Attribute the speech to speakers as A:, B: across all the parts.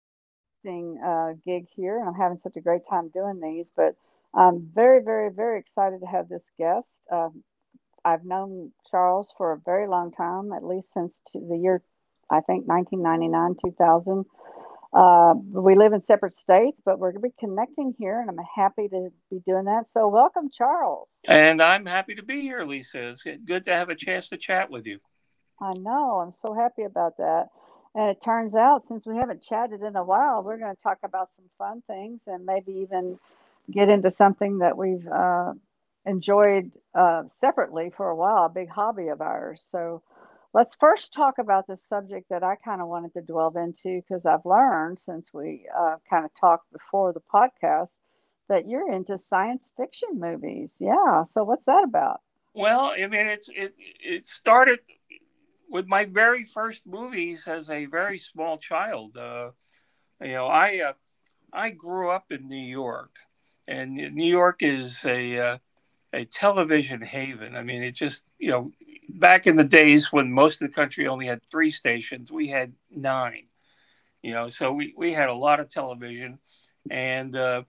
A: podcasting gig here, and I'm having such a great time doing these. But I'm very, very, very excited to have this guest. I've known Charles for a very long time, at least since t the year, I think, 1999, 2000. Uh, we live in separate states, but we're going to be connecting here, and I'm happy to be doing that. So, welcome, Charles.
B: And I'm happy to be here, Lisa. It's good to have a chance to chat with you.
A: I know. I'm so happy about that. And it turns out, since we haven't chatted in a while, we're going to talk about some fun things and maybe even get into something that we've enjoyed separately for a while, a big hobby of ours. So let's first talk about this subject that I kind of wanted to delve into because I've learned since we kind of talked before the podcast that you're into science fiction movies. Yeah. So what's that about?
B: Well, I mean, it started with my very first movies as a very small child. You know, I uh, I grew up in New York, and New York is a television haven. I mean, it just you know, back in the days when most of the country only had three stations, we had nine. You know, so we had a lot of television, and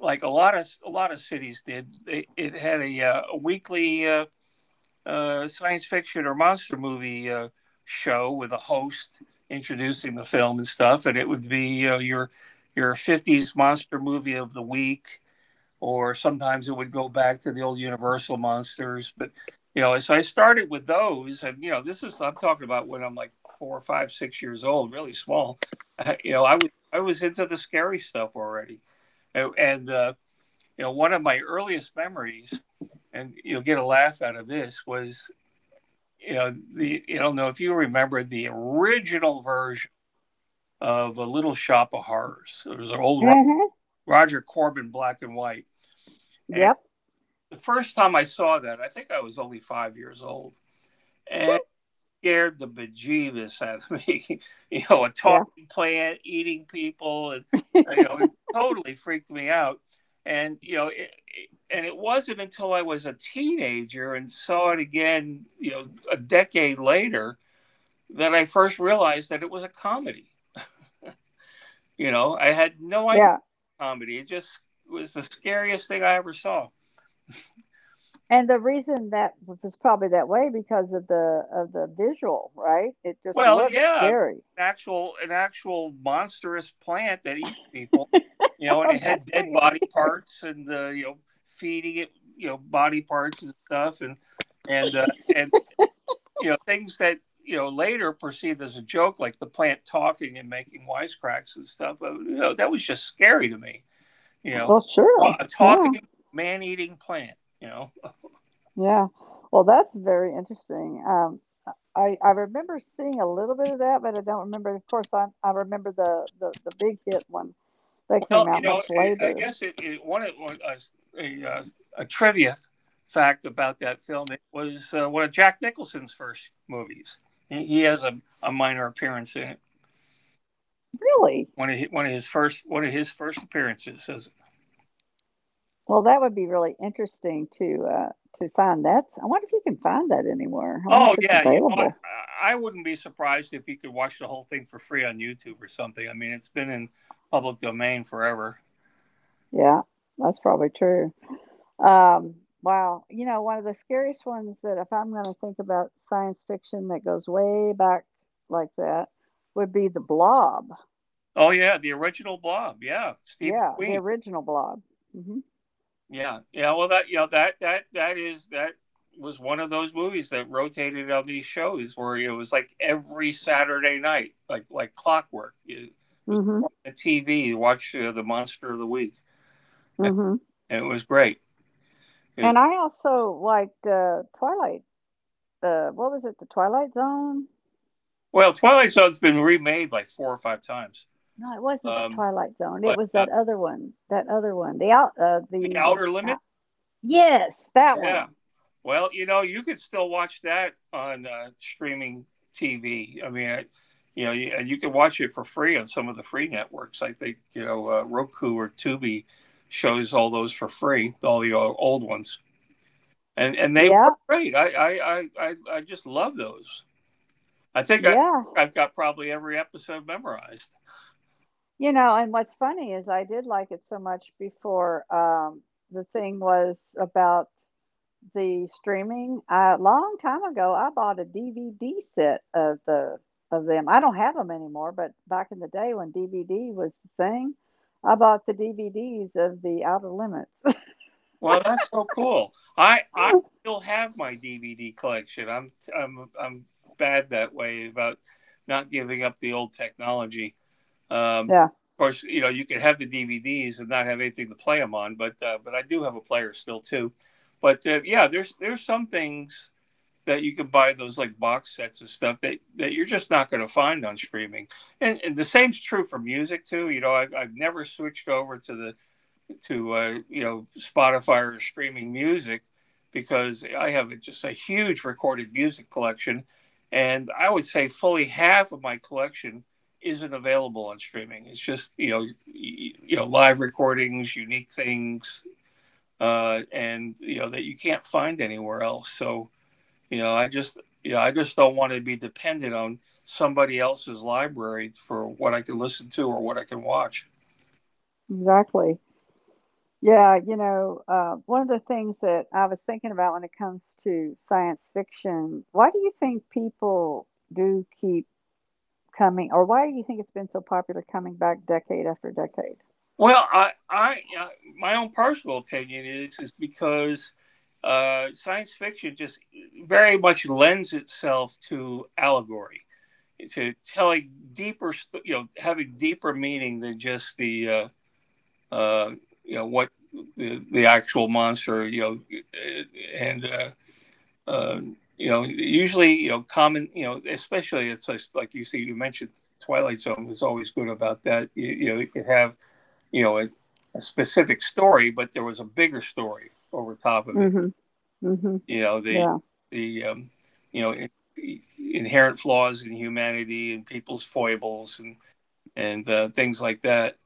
B: like a lot of cities did. It had a weekly science fiction or monster movie show with a host introducing the film and stuff, and it would be your '50s monster movie of the week, or sometimes it would go back to the old Universal monsters. But you know, so I started with those, and you know, this is I'm talking about when I'm like 4 or 5, 6 years old, really small. You know, I was into the scary stuff already. And. And, you know, one of my earliest memories, and you'll get a laugh out of this, was you don't know if you remember the original version of A Little Shop of Horrors. It was an old
A: Mm hmm
B: Roger Corbin black and white. And
A: Yep.
B: the first time I saw that, I think I was only 5 years old, and scared the bejeebus out of me. A
A: Yeah.
B: talking plant eating people, and it totally freaked me out. And you know, it, and it wasn't until I was a teenager and saw it again, a decade later, that I first realized that it was a comedy. I had no idea
A: Yeah.
B: comedy. It just was the scariest thing I ever saw.
A: And the reason that was probably that way because of the visual, right? It just
B: Well,
A: looks
B: yeah, an
A: scary.
B: actual an actual monstrous plant that eats people, you know, and
A: well,
B: it
A: that's
B: had dead
A: pretty
B: body
A: scary.
B: parts and feeding it, body parts and stuff, and uh, and things that later perceived as a joke, like the plant talking and making wisecracks and stuff. But, that was just scary to me. You know,
A: Well,
B: a
A: sure.
B: a
A: Yeah.
B: talking man eating plant. You know.
A: Yeah. Well, that's very interesting. I remember seeing a little bit of that, but I don't remember. Of course, I remember the big hit one that
B: Well,
A: came out much
B: I
A: later.
B: guess it, it one, of one a trivia fact about that film. It was one of Jack Nicholson's first movies. He has a minor appearance in it.
A: Really?
B: One of his first appearances. As,
A: Well, that would be really interesting to find that. I wonder if you can find that anywhere. I wonder
B: oh
A: if it's
B: yeah, you know, I,
A: available.
B: I wouldn't be surprised if you could watch the whole thing for free on YouTube or something. I mean, it's been in public domain forever.
A: Yeah, that's probably true. Um, wow. You know, one of the scariest ones that if I'm going to think about science fiction that goes way back like that would be The Blob.
B: Oh yeah, the original Blob. Yeah, Steve
A: Yeah, the
B: McQueen.
A: original Blob. Mhm.
B: Yeah, yeah. Well, that you know that that that is that was one of those movies that rotated on these shows where it was like every Saturday night, like clockwork. It was
A: Mhm.
B: on the TV. You watch the Monster of the Week,
A: Mhm.
B: and it was great. 'Cause-
A: And I also liked Twilight. What was it? The Twilight Zone?
B: well, Twilight Zone's been remade like four or five times.
A: No, it wasn't the
B: Um,
A: Twilight Zone. It
B: but
A: was that other one. That other one.
B: The Outer
A: Out,
B: Limits,
A: Yes, that
B: yeah.
A: one.
B: Well, you could still watch that on streaming TV. I mean, I, you know, you, and you can watch it for free on some of the free networks. I think Roku or Tubi shows all those for free, all the old ones, and they
A: Yeah.
B: were great. I just love those. I think I
A: Yeah.
B: I've got probably every episode memorized.
A: You know, and what's funny is I did like it so much before the thing was about the streaming. A long time ago, I bought a DVD set of the of them. I don't have them anymore, but back in the day when DVD was the thing, I bought the DVDs of the Outer Limits.
B: Well, that's so cool. I still have my DVD collection. I'm bad that way about not giving up the old technology. Um,
A: Yeah,
B: of course, you can have the DVDs and not have anything to play them on, but but I do have a player still too. But yeah, there's some things that you can buy those like box sets and stuff that you're just not going to find on streaming. And the same's true for music too. I've never switched over to Spotify or streaming music, because I have just a huge recorded music collection, and I would say fully half of my collection isn't available on streaming. It's just live recordings, unique things, and that you can't find anywhere else. So I just don't want to be dependent on somebody else's library for what I can listen to or what I can watch.
A: exactly. Yeah, you know, one of the things that I was thinking about when it comes to science fiction, why do you think people do keep coming or why do you think it's been so popular coming back decade after decade?
B: Well, I my own personal opinion is because science fiction just very much lends itself to allegory, to telling deeper, having deeper meaning than just uh, you know, what the actual monster, uh, and uh, usually, common, especially. It's just like you see, you mentioned Twilight Zone was always good about that. You you could have you know, a, a specific story, but there was a bigger story over top
A: Mm
B: of it.
A: Mhm. mm Mhm.
B: You know, the
A: Yeah.
B: the you know in, inherent flaws in humanity and people's foibles and things like that.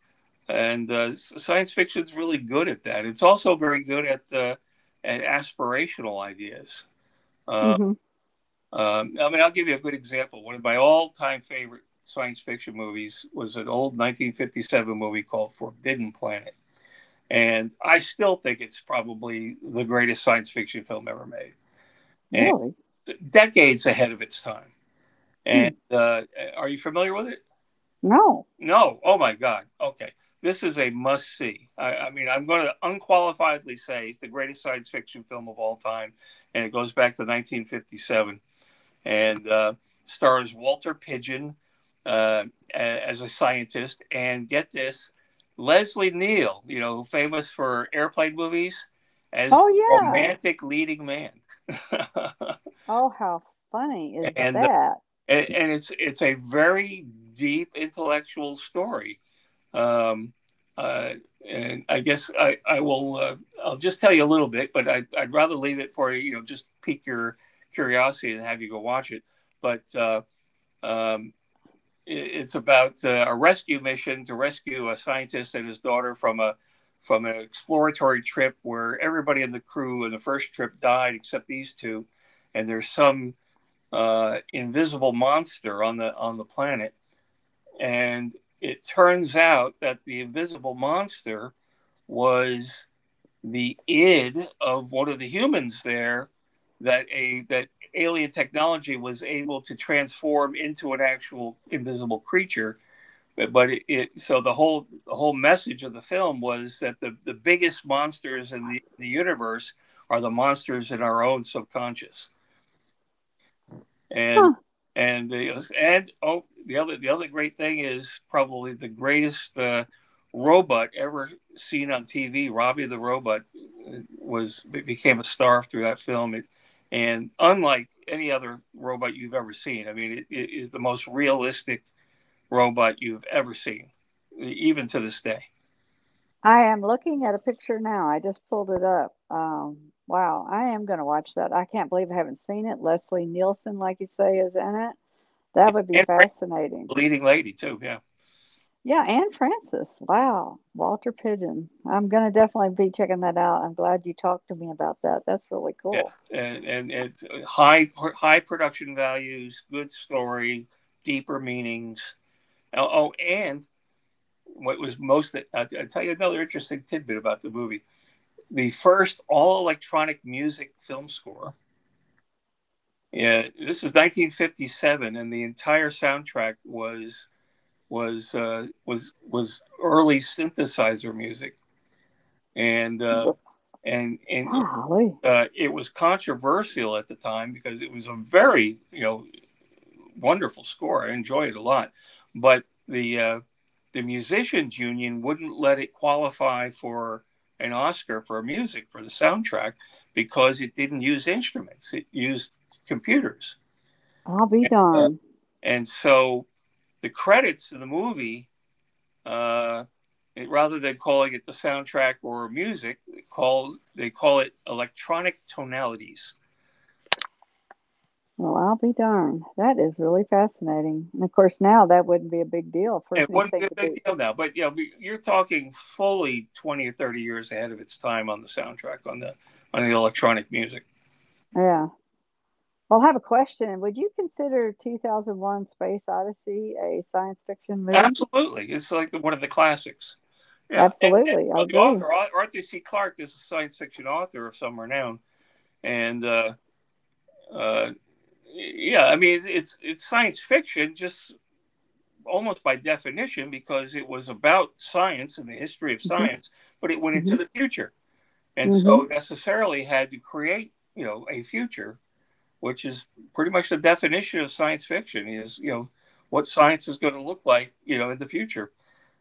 B: And science fiction's really good at that. It's also very good at aspirational ideas.
A: mm
B: Uh,
A: Mhm.
B: I mean, I'll give you a good example. One of my all-time favorite science fiction movies was an old 1957 movie called Forbidden Planet, and I still think it's probably the greatest science fiction film ever made, and
A: Really?
B: decades ahead of its time.
A: Hmm.
B: And are you familiar with it?
A: No.
B: No. Oh my God. Okay. This is a must see. I mean, I'm going to unqualifiedly say it's the greatest science fiction film of all time, and it goes back to 1957 and stars Walter Pidgeon uh, as a scientist. And get this, Leslie Neal, famous for airplane movies, as the
A: Oh yeah.
B: romantic leading man.
A: Oh how funny is
B: and, uh,
A: that?
B: and it's a very deep intellectual story. Um, uh, and I guess I'll just tell you a little bit, but I'd rather leave it for you. Just pique your curiosity and have you go watch it. But um, it's about a rescue mission to rescue a scientist and his daughter from a from an exploratory trip where everybody in the crew in the first trip died except these two, and there's some invisible monster on the planet, and it turns out that the invisible monster was the id of one of the humans there that alien technology was able to transform into an actual invisible creature. But it so the whole message of the film was that the biggest monsters in the universe are the monsters in our own subconscious. and
A: Huh.
B: and the, and oh, the other great thing is probably the greatest robot ever seen on TV, Robbie the robot. Uh, was became a star through that film, and unlike any other robot you've ever seen. I mean, it is the most realistic robot you've ever seen, even to this day.
A: I am looking at a picture now. I just pulled it up. Wow, I am going to watch that. I can't believe I haven't seen it. Leslie Nielsen, like you say, is in it.
B: Yeah,
A: That would be
B: and Frank's the
A: fascinating.
B: leading lady too. Yeah,
A: Yeah, Anne Francis. Wow. Walter Pigeon. I'm going to definitely be checking that out. I'm glad you talked to me about that. That's really
B: yeah.
A: cool.
B: And it's high production values, good story, deeper meanings. Oh, and what was most I'll tell you another interesting tidbit about the movie: the first all electronic music film score. Yeah, this is 1957, and the entire soundtrack was early synthesizer music, and
A: But
B: and and
A: golly,
B: it was controversial at the time because it was a very wonderful score. I enjoy it a lot, but the musicians union wouldn't let it qualify for an Oscar for music for the soundtrack because it didn't use instruments; it used computers.
A: I'll be
B: uh,
A: darned.
B: and so the credits of the movie, Uh, rather than calling it the soundtrack or music, it calls they call it electronic tonalities.
A: Well, I'll be darned. That is really fascinating. And of course, now that wouldn't be a big deal for
B: It wouldn't be
A: anything
B: a
A: to
B: big
A: be.
B: deal now, but you're talking fully 20 or 30 years ahead of its time on the soundtrack, on the electronic music.
A: Yeah. Well, I have a question. Would you consider 2001 Space Odyssey a science fiction movie?
B: Absolutely, it's like one of the classics. Yeah, and
A: Absolutely. I
B: the
A: agree.
B: author Arthur C. Clarke is a science fiction author of some renown, and uh, yeah, I mean it's science fiction, just almost by definition because it was about science and the history of
A: Hmm.
B: science, but it went into
A: Hmm.
B: the future. And
A: Hmm.
B: so necessarily had to create, a future, which is pretty much the definition of science fiction is, what science is going to look like, in the future.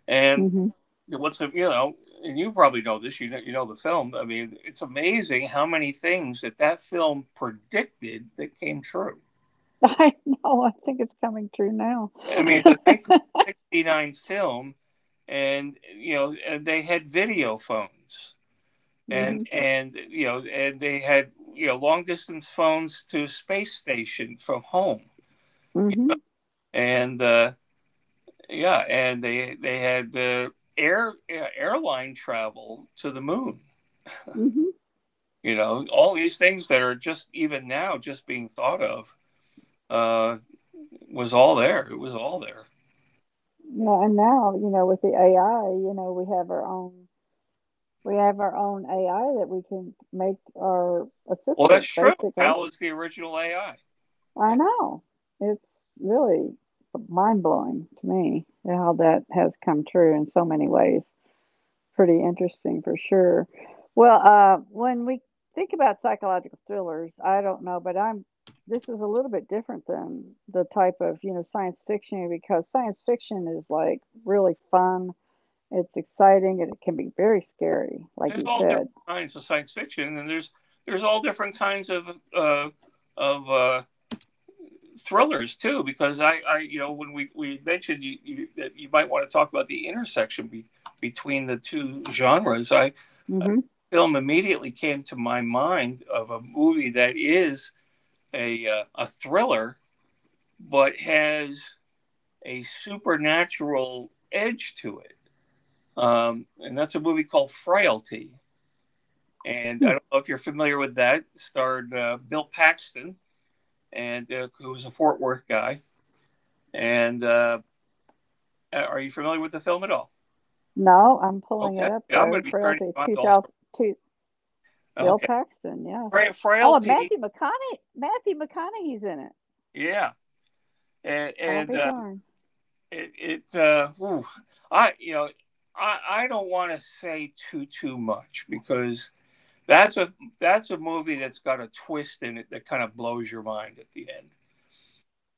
B: And
A: Hmm.
B: what's, you know, and you probably know this, you know the film. I mean, it's amazing how many things that that film predicted that came true.
A: I know. I think it's coming true now.
B: I mean, it's a 1969 film, and you know, and they had video phones,
A: Mm-hmm.
B: and you know, and they had you know long distance phones to a space station from home,
A: Mm-hmm.
B: and yeah, and they had air airline travel to the moon.
A: Mm-hmm.
B: You know, all these things that are just even now just being thought of uh, was all there. It was all there.
A: Yeah, and now, you know, with the AI, you know, we have our own we have our own AI that we can make our
B: Well, that's
A: assistant
B: true.
A: basically.
B: Hal is the original AI.
A: I know. It's really mind blowing to me how that has come true in so many ways. Pretty interesting for sure. Well, when we think about psychological thrillers, I don't know, but I'm this is a little bit different than the type of, you know, science fiction because science fiction is like really fun, it's exciting, and it can be very scary, like
B: There's
A: you
B: all different
A: said.
B: kinds of science fiction, and there's all different kinds of uh, of uh, thrillers too. Because you know, when we mentioned that you might want to talk about the intersection between the two genres, I a
A: Mhm.
B: film immediately came to my mind of a movie that is a thriller, but has a supernatural edge to it, and that's a movie called Frailty. And
A: Hmm.
B: I don't know if you're familiar with that. It starred Bill Paxton, and who was a Fort Worth guy. And are you familiar with the film at all?
A: No, I'm pulling it
B: Okay,
A: up
B: yeah, I'm going
A: though.
B: to be turning
A: Frailty
B: you on to all sorts.
A: 2002. Bill
B: Okay.
A: Paxton, yes. Oh, and
B: Frailty.
A: Matthew McConaughey's in it.
B: Yeah, and
A: I'll
B: and
A: be
B: uh,
A: darned.
B: it, it uh, ooh, I I don't want to say too much because that's a that's a movie that's got a twist in it that kind of blows your mind at the end.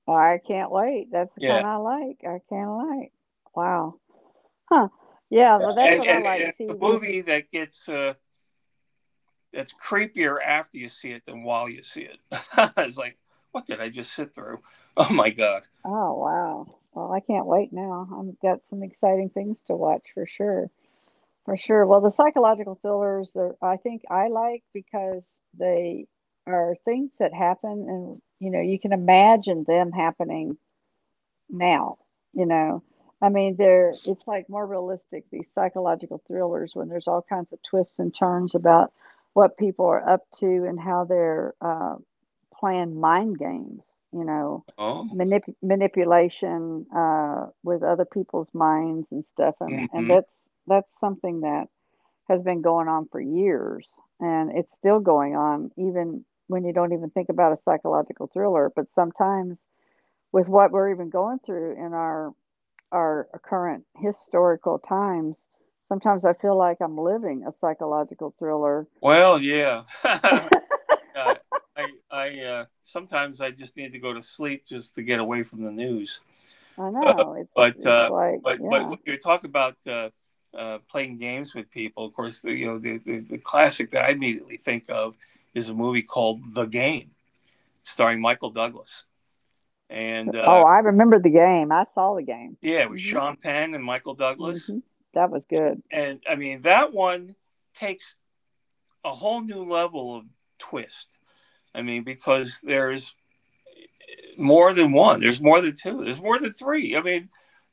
A: I can't wait. That's the kind
B: Yeah,
A: I like. I kinda like. Wow. Huh. Yeah, well, that's what I
B: and
A: like.
B: it's
A: See,
B: a
A: with
B: movie that gets. It's creepier after you see it than while you see it. It's like, what did I just sit through? Oh my god.
A: oh, wow. Well, I can't wait now. I've got some exciting things to watch for sure. For sure. Well, the psychological thrillers that I think I like because they are things that happen and you know, you can imagine them happening now, you know. I mean, they're it's like more realistic these psychological thrillers when there's all kinds of twists and turns about what people are up to and how they're playing mind games, you know,
B: Oh.
A: manipulation with other people's minds and stuff. And
B: Hmm.
A: that's something that has been going on for years, and it's still going on even when you don't even think about a psychological thriller. But sometimes with what we're even going through in our current historical times, sometimes I feel like I'm living a psychological thriller.
B: Well, yeah. Uh, I sometimes I just need to go to sleep just to get away from the news.
A: I
B: Uh,
A: know
B: but
A: it's
B: uh,
A: like
B: but but
A: yeah.
B: when you talk about playing games with people, of course, you know the classic that I immediately think of is a movie called The Game, starring Michael Douglas, and
A: Oh, I remember the game. I saw the game.
B: yeah, it was
A: Mhm.
B: Sean Penn and Michael Douglas.
A: Mhm. That was good.
B: And I mean that one takes a whole new level of twist. I mean because there's more than one, there's more than two, there's more than three. I mean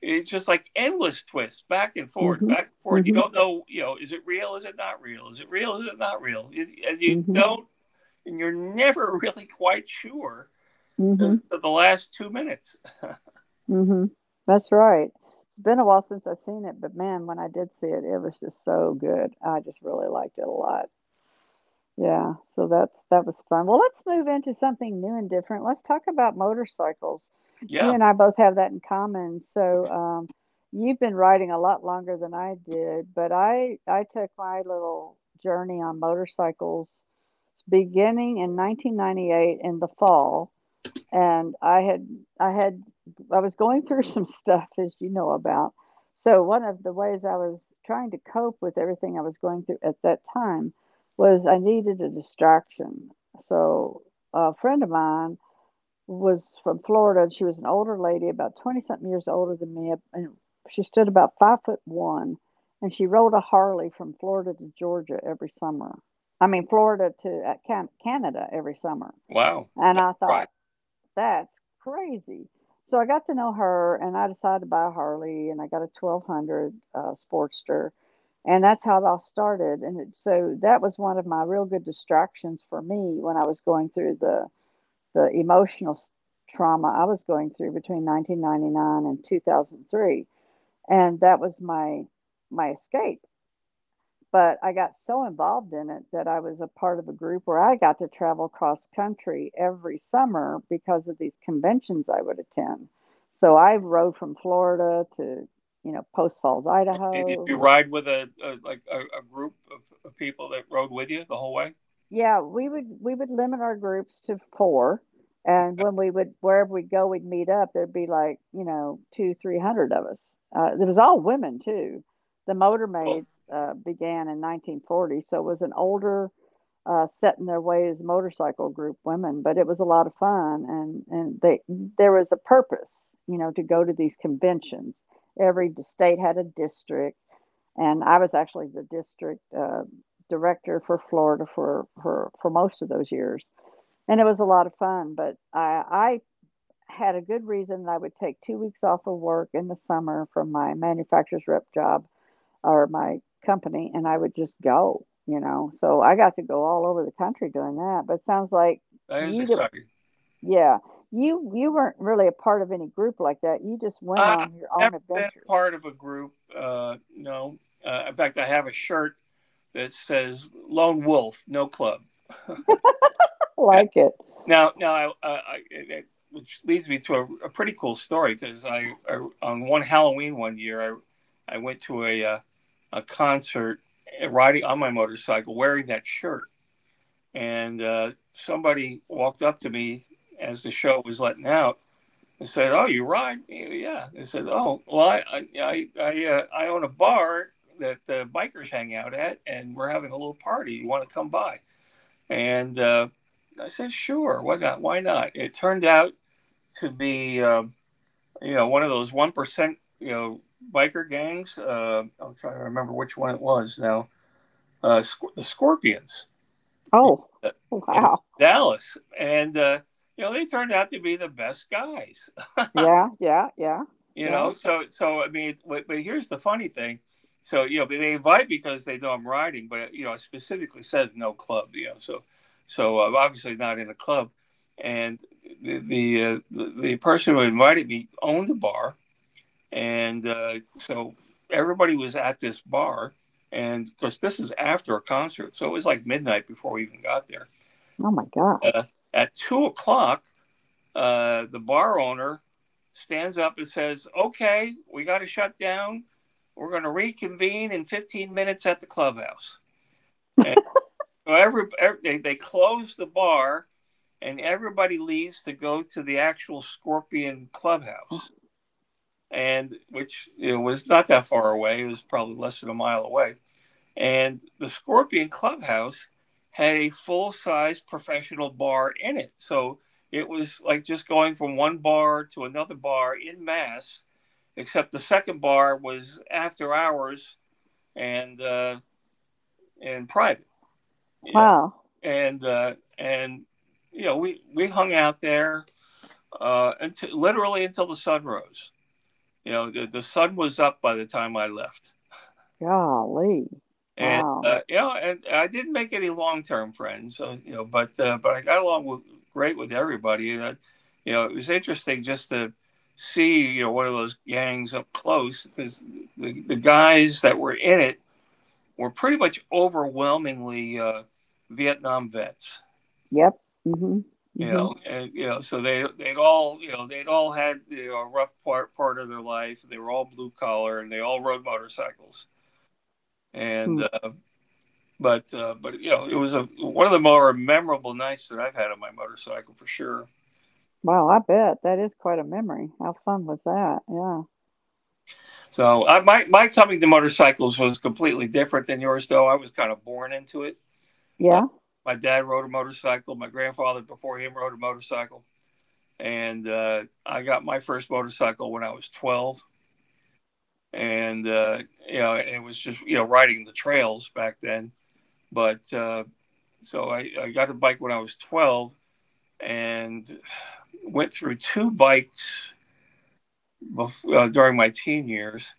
B: it's just like endless twists back and forth,
A: Mhm.
B: back and forth. You
A: Mhm.
B: don't know, you know, is it real? Is it not real? Is it real? Is it not real? And you
A: Mhm.
B: don't, and you're never really quite sure
A: Mhm.
B: to the last 2 minutes.
A: Mhm. That's right. It's been a while since I've seen it, but man, when I did see it, it was just so good. I just really liked it a lot. Yeah, so that was fun. Well, let's move into something new and different. Let's talk about motorcycles. You
B: Yeah,
A: and I both have that in common. So, you've been riding a lot longer than I did, but I took my little journey on motorcycles beginning in 1998 in the fall and I had I was going through some stuff as you know about. So one of the ways I was trying to cope with everything I was going through at that time was I needed a distraction. So a friend of mine was from Florida and she was an older lady, about 20 something years older than me, and she stood about 5 foot one and she rode a Harley from Florida to Georgia every summer. I mean Florida to Canada every summer.
B: wow,
A: And
B: that's
A: I
B: right.
A: thought, that's crazy. So I got to know her and I decided to buy a Harley and I got a 1200 Sportster. And that's how it all started. And it, so that was one of my real good distractions for me when I was going through the trauma I was going through between 1999 and 2003. And that was my escape but I got so involved in it that I was a part of a group where I got to travel cross country every summer because of these conventions I would attend. So I rode from Florida to, you know, Post Falls,
B: And did
A: Idaho.
B: you ride with a like a group of people that rode with you the whole way?
A: Yeah, we would limit our groups to four, and when we would wherever we'd go, we'd meet up. There'd be like you know two, 300 of us. It was all women too. The
B: Well,
A: Motormaids began in 1940, so it was an older set in their ways motorcycle group women, but it was a lot of fun and they there was a purpose, you know, to go to these conventions. Every state had a district, and I was actually the district director for Florida for most of those years, and it was a lot of fun. But I had a good reason that I would take 2 weeks off of work in the summer from my manufacturer's rep job or my company, and I would just go, you know? So I got to go all over the country doing that, but it sounds like
B: that is
A: you d
B: exciting.
A: yeah, you weren't really a part of any group like that, you just went
B: I,
A: on your
B: I've
A: own
B: never been a
A: adventures.
B: part of a group. No. In fact, I have a shirt that says "Lone Wolf, No Club."
A: I
B: Yeah.
A: like it.
B: Now, now, I, it, Which leads me to a pretty cool story because on one Halloween one year, I went to a concert riding on my motorcycle wearing that shirt, and somebody walked up to me as the show was letting out. I said, "Oh, you ride? Yeah, yeah." They said, "Oh, well, I yeah, I own a bar that the bikers hang out at, and we're having a little party. You want to come by?" And I said, "Sure. Why not? Why not?" It turned out to be you know one of those 1% you know biker gangs. I'm trying to remember which one it was now. The Scorpions in,
A: Oh,
B: uh, in
A: wow.
B: Dallas, and you know they turned out to be the best guys.
A: Yeah, yeah, yeah,
B: You
A: yeah.
B: know, so so I mean, but here's the funny thing. So you know they invite because they know I'm riding, but you know it specifically says no club, you know, so so I'm obviously not in a club. And the person who invited me owned a bar, and so everybody was at this bar, and of course this is after a concert, so it was like midnight before we even got there.
A: Oh my gosh.
B: uh, at 2 o'clock the bar owner stands up and says, "Okay, we got to shut down. We're going to reconvene in 15 minutes at the clubhouse." And so every they close the bar and everybody leaves to go to the actual Scorpion
A: Oh,
B: clubhouse, and which you know, was not that far away. It was probably less than a mile away. And the Scorpion Clubhouse had a full size professional bar in it. So it was like just going from one bar to another bar in mass, except the second bar was after hours and private. Yeah.
A: wow.
B: And you know, we hung out there until literally until the sun rose. You know, the sun was up by the time I left.
A: Golly.
B: And
A: Wow.
B: you know, and I didn't make any long term friends, so you know, but I got along with, great with everybody, and I, you know, it was interesting just to see you know one of those gangs up close because the guys that were in it were pretty much overwhelmingly Vietnam vets,
A: Yep. Mhm.
B: you
A: Mhm.
B: know, and you know, so they'd all had you know, a rough part of their life. They were all blue collar, and they all rode motorcycles. And.
A: Hmm.
B: But you know, it was a one of the more memorable nights that I've had on my motorcycle for sure.
A: Wow, I bet that is quite a memory. How fun was that? Yeah.
B: So I, my coming to motorcycles was completely different than yours, though. I was kind of born into it. Uh,
A: Yeah.
B: my dad rode a motorcycle. My grandfather before him rode a motorcycle, and I got my first motorcycle when I was 12. And you know, it was just you know riding the trails back then. But so I got a bike when I was 12, and went through two bikes during my teen years.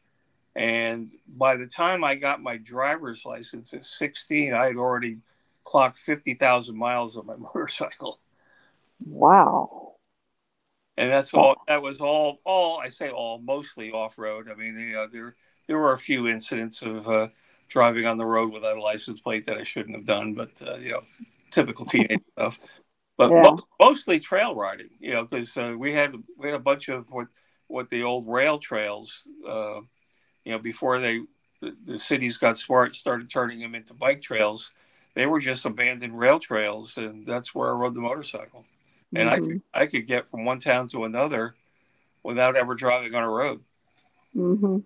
B: And by the time I got my driver's license at 16, I had already clocked 50,000 miles on my motorcycle.
A: Wow.
B: And that's
A: That
B: all, that was all, I say all, mostly off road. I mean, you know, there were a few incidents of driving on the road without a license plate that I shouldn't have done, but, you know, typical teenage stuff. But
A: Yeah.
B: mostly trail riding, you know, because we had a bunch of what the old rail trails. You know, before the cities got smart and started turning them into bike trails, they were just abandoned rail trails, and that's where I rode the motorcycle. And I could
A: Mhm.
B: I could get from one town to another without ever driving on a road.
A: Mhm.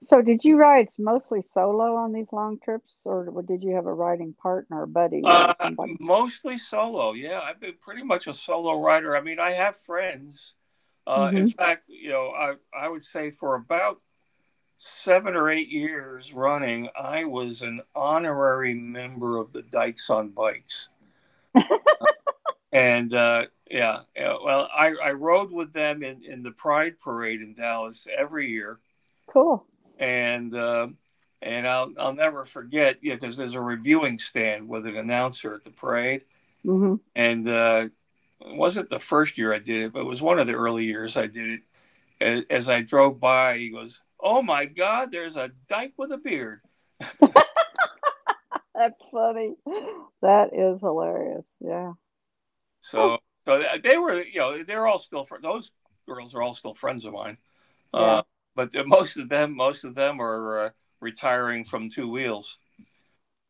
A: So did you ride mostly solo on these long trips or w did you have a riding partner, a buddy or
B: Uh,
A: somebody?
B: mostly solo. Yeah, I've been pretty much a solo rider. I mean, I have friends. In
A: Mhm.
B: fact, you know, I would say for about 7 or 8 years running, I was an honorary member of the Dykes on Bikes. And yeah, yeah, well, I rode with them in the Pride Parade in Dallas every year,
A: Cool.
B: and I'll never forget, yeah, because there's a reviewing stand with an announcer at the parade,
A: Mhm.
B: and it wasn't the first year I did it, but it was one of the early years I did it. As I drove by, he goes, "Oh my God, there's a dyke with a beard."
A: That's funny. That is hilarious. Yeah.
B: So so they were, you know, they're all still those girls are all still friends of mine.
A: Yeah.
B: Uh, but most of them are retiring from two wheels.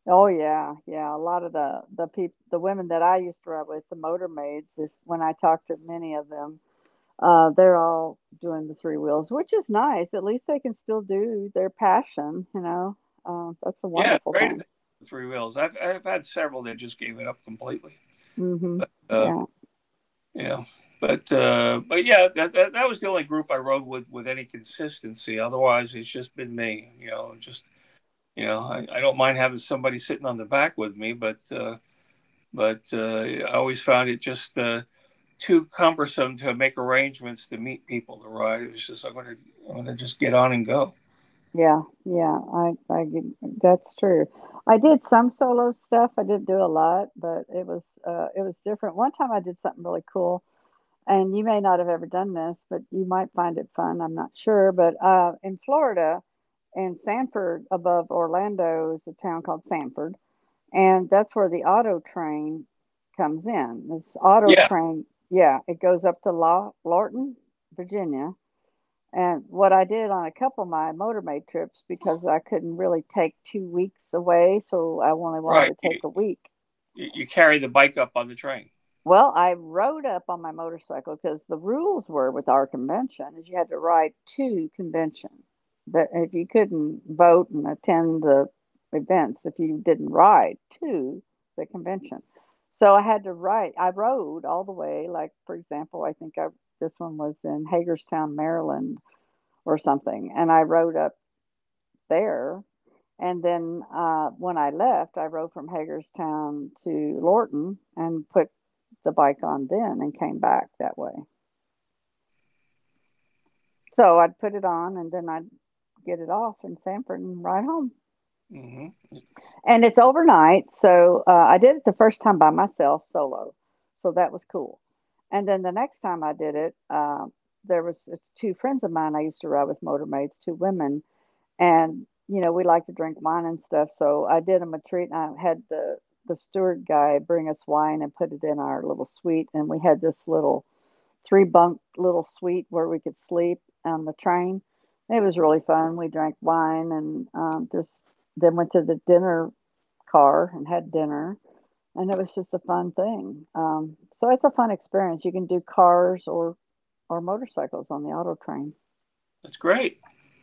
A: Oh, yeah, yeah, a lot of the people, the women that I used to ride with, the motor maids, if when I talk to many of them, they're all doing the three wheels, which is nice, at least they can still do their passion, you know? That's a
B: Yeah, it's
A: wonderful
B: great if
A: thing.
B: they have three wheels. I've had several that just gave it up completely.
A: Mhm.
B: But
A: Yeah.
B: you know, but yeah, that was the only group I rode with any consistency. Otherwise, it's just been me. You know, just you know, I don't mind having somebody sitting on the back with me, but I always found it just too cumbersome to make arrangements to meet people to ride. It was just I'm gonna just get on and go.
A: Yeah, yeah, that's true. I did some solo stuff. I didn't do a lot, but it was different. One time I did something really cool, and you may not have ever done this, but you might find it fun. I'm not sure, but in Florida, in Sanford above Orlando is a town called Sanford, and that's where the auto train comes in. This auto
B: Yeah,
A: train, yeah, it goes up to Lawton, Virginia, and what I did on a couple of my motorway trips, because I couldn't really take 2 weeks away, so I only wanted
B: right.
A: to
B: You
A: take a week.
B: you carry the bike up on the train.
A: Well, I rode up on my motorcycle because the rules were with our convention is you had to ride to convention. That if you couldn't vote and attend the events, if you didn't ride to the convention. So I had to ride I rode all the way, like, for example, I think I this one was in Hagerstown, Maryland or something, and I rode up there. And then when I left, I rode from Hagerstown to Lorton and put the bike on then and came back that way. So I'd put it on and then I'd get it off in Sanford and ride home.
B: Hmm.
A: And it's overnight. So I did it the first time by myself solo. So that was cool. And then the next time I did it, there was two friends of mine I used to ride with motormaids, two women, and we like to drink wine and stuff, so I did 'em a treat, and I had the steward guy bring us wine and put it in our little suite, and we had this little 3 bunk little suite where we could sleep on the train. It was really fun, we drank wine and, just then went to the dinner car and had dinner, and it was just a fun thing. So it's a fun experience, you can do cars or motorcycles on the auto train.
B: That's great.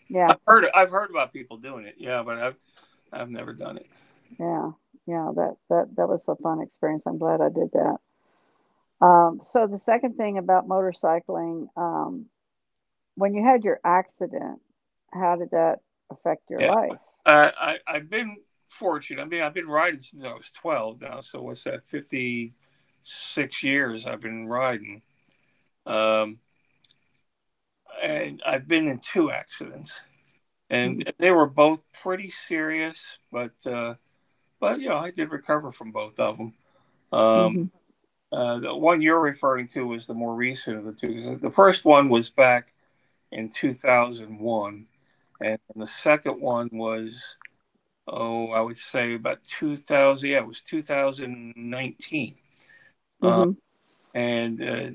A: Yeah.
B: I've heard about people doing it. Yeah, but I've never done it.
A: Yeah, yeah, that was a fun experience. I'm glad I did that. So the second thing about motorcycling, when you had your accident, how did that affect your
B: Yeah.
A: life?
B: I've been fortunate. I mean, I've been riding since I was 12 now. So what's that? 56 years I've been riding. Um, and I've been in two accidents, and
A: Mm.
B: they were both pretty serious. But uh, but you know, I did recover from both of them.
A: Mhm.
B: Um, the one you're referring to was the more recent of the two. 'Cause the first one was back in 2001, and the second one was, oh, I would say about 2000. Yeah, it was 2019. Uh,
A: Mhm.
B: and uh,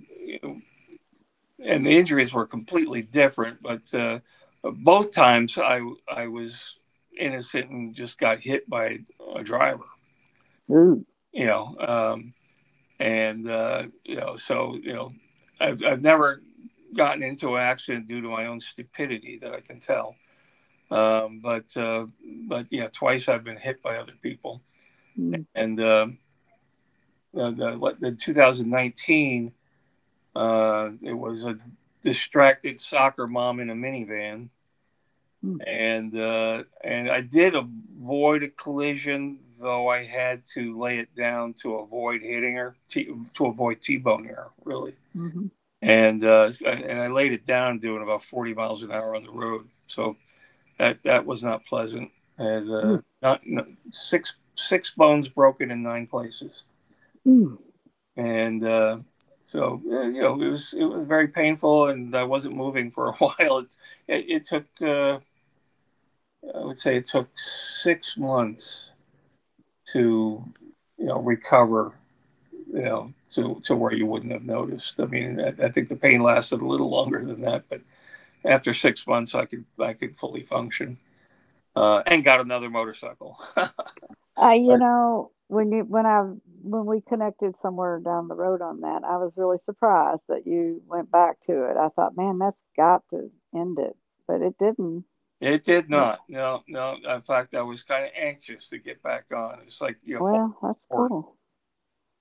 B: and the injuries were completely different, but both times I was innocent and just got hit by a driver.
A: Ooh.
B: You know, and you know, so you know, I've never gotten into an accident due to my own stupidity that I can tell. Um, but uh, but yeah, twice I've been hit by other people,
A: Mm.
B: and. um uh, the, the 2019, it was a distracted soccer mom in a minivan,
A: Mm.
B: and I did avoid a collision, though I had to lay it down to avoid hitting her, to avoid t-boning her, really.
A: Mhm.
B: And I laid it down doing about 40 miles an hour on the road, so that was not pleasant. And
A: Mm.
B: Not, not six bones broken in 9 places.
A: Mm.
B: And so You know, it was very painful, and I wasn't moving for a while. It took I would say it took 6 months to, you know, recover, you know, to where you wouldn't have noticed. I mean, I think the pain lasted a little longer than that, but after 6 months, I could fully function. And got another motorcycle.
A: I, you know, when you when I when we connected somewhere down the road on that, I was really surprised that you went back to it. I thought, man, that's got to end it, but it didn't.
B: It did
A: It,
B: not. No, no. In fact, I was kind of anxious to get back on. It's like full.
A: well, that's cool.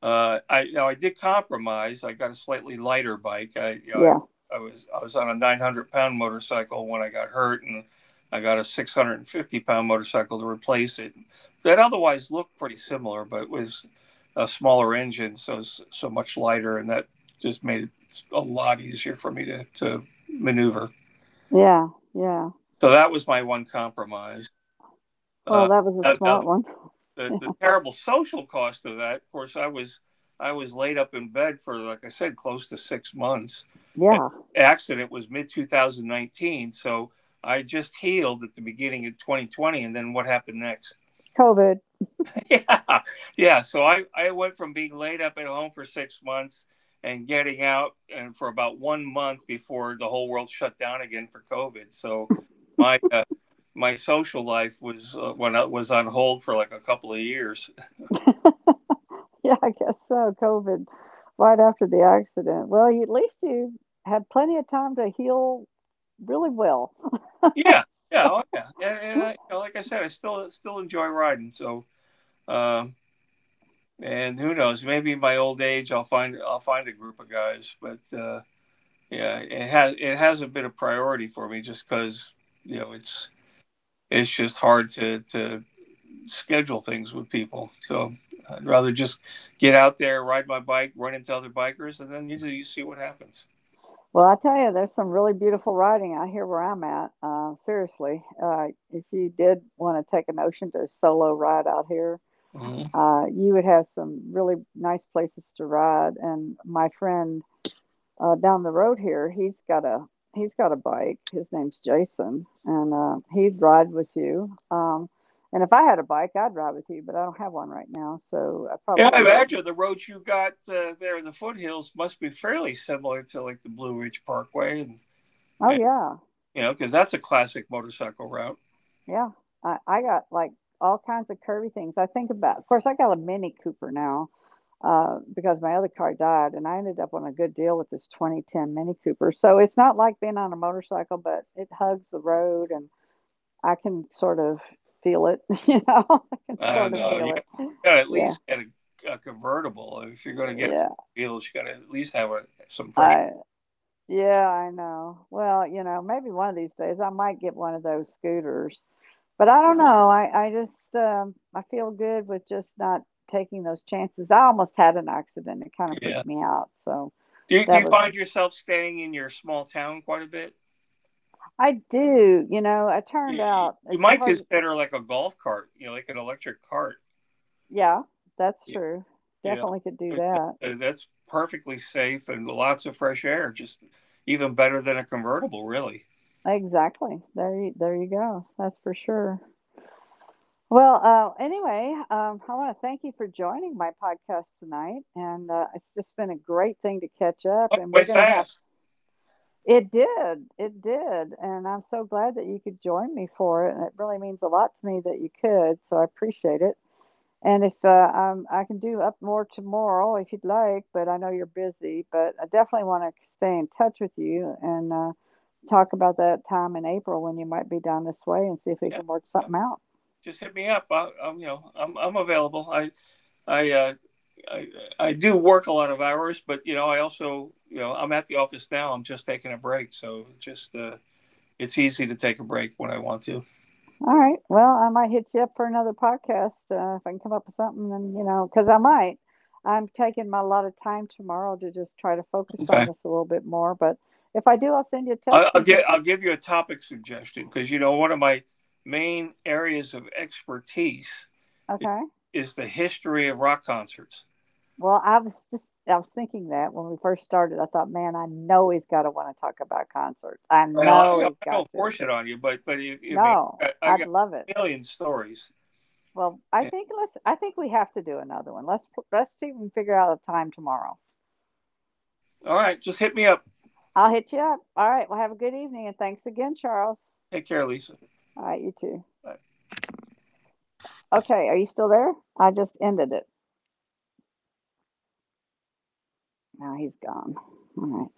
B: I now I did compromise. I got a slightly lighter bike. I you know
A: Yeah.
B: I, I was I was on a 900 pound motorcycle when I got hurt, and I got a 650 pound motorcycle to replace it. That otherwise looked pretty similar, but it was a smaller engine, so so much lighter, and that just made it a lot easier for me to maneuver.
A: Yeah, yeah.
B: So that was my one compromise.
A: Well,
B: Uh,
A: that was a
B: now, now
A: smart one.
B: The
A: Yeah.
B: terrible social cost of that. Of course, I was laid up in bed for, like I said, close to 6 months. And
A: Yeah.
B: the accident was mid 2019, so I just healed at the beginning of 2020, and then what happened next?
A: COVID.
B: Yeah, yeah. So I went from being laid up at home for 6 months and getting out and for about one month before the whole world shut down again for COVID. So my uh, my social life was when I was on hold for like a couple of years.
A: Yeah, I guess so. COVID right after the accident. Well, at least you had plenty of time to heal really well.
B: Yeah, yeah, oh yeah, and, and I like I said, I still enjoy riding. So, um, and who knows? Maybe in my old age, I'll find a group of guys. But Yeah, it hasn't been a bit of priority for me just because you know it's just hard to schedule things with people. So I'd rather just get out there, ride my bike, run into other bikers, and then usually you see what happens.
A: Well, I tell you, there's some really beautiful writing out here where I'm at. Seriously, if you did want to take a notion to solo ride out here,
B: Mhm.
A: you would have some really nice places to ride. And my friend down the road here, he's got a bike. His name's Jason, and he'd ride with you. And if I had a bike, I'd ride with you, but I don't have one right now, so I
B: Yeah, I
A: probably wouldn't.
B: imagine the roads you got there in the foothills must be fairly similar to like the Blue Ridge Parkway, and,
A: Oh
B: and
A: yeah,
B: you know, because that's a classic motorcycle route.
A: yeah. I got like all kinds of curvy things. I think about, of course, I got a Mini Cooper now because my other car died, and I ended up on a good deal with this 2010 Mini Cooper. So it's not like being on a motorcycle, but it hugs the road, and I can sort of feel it, you know. I can
B: I don't
A: sort of
B: know.
A: feel
B: You
A: it.
B: got to at
A: Yeah.
B: least get a convertible if you're going to get
A: Yeah.
B: wheels. You got to at least have a some fresh.
A: I yeah, I know. Well, maybe one of these days I might get one of those scooters. But I don't know. I feel good with just not taking those chances. I almost had an accident. It kind of freaked
B: Yeah.
A: me out. So
B: Do you, do
A: that
B: you
A: was
B: find yourself staying in your small town quite a bit?
A: I do, you know, I turned
B: You,
A: out
B: you
A: it's
B: might
A: hard.
B: consider like a golf cart, you know, like an electric cart.
A: Yeah, that's true.
B: Yeah.
A: Definitely could do
B: It-
A: that.
B: it- that's perfectly safe and lots of fresh air. Just even better than a convertible, really.
A: Exactly. There you go. That's for sure. Well, anyway, I want to thank you for joining my podcast tonight, and it's just been a great thing to catch up.
B: Way
A: And we're
B: way
A: going to have,
B: fast.
A: it did, it did, and I'm so glad that you could join me for it. And it really means a lot to me that you could, so I appreciate it. And if I can do up more tomorrow, if you'd like, but I know you're busy, but I definitely want to stay in touch with you and talk about that time in April when you might be down this way and see if we
B: Yeah,
A: can work
B: yeah.
A: something out.
B: Just hit me up. I'm available. I, uh, I, I do work a lot of hours, but you know, I also, you know, I'm at the office now. I'm just taking a break, so it's easy to take a break when I want to.
A: All right. Well, I might hit you up for another podcast if I can come up with something. And because I'm taking my lot of time tomorrow to just try to focus on
B: Okay.
A: this a little bit more. But if I do, I'll send you a text. And if you,
B: I'll give you a topic suggestion because you know one of my main areas of expertise
A: okay.
B: is the history of rock concerts.
A: Well, I was thinking that when we first started, I thought, man, I know he's got to want to talk about concerts. I
B: Well,
A: know he's
B: I don't
A: got to.
B: force it on you, but you, you mean
A: No,
B: I
A: I'd
B: got
A: love it.
B: a million stories.
A: Well, I
B: And-
A: think let's. I think we have to do another one. Let's even figure out a time tomorrow.
B: all right, just hit me up.
A: I'll hit you up. All right. Well, have a good evening and thanks again, Charles.
B: Take care, Lisa.
A: All right, you too.
B: Bye.
A: Okay, are you still there? I just ended it. Now he's gone. All right,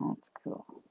A: that's cool.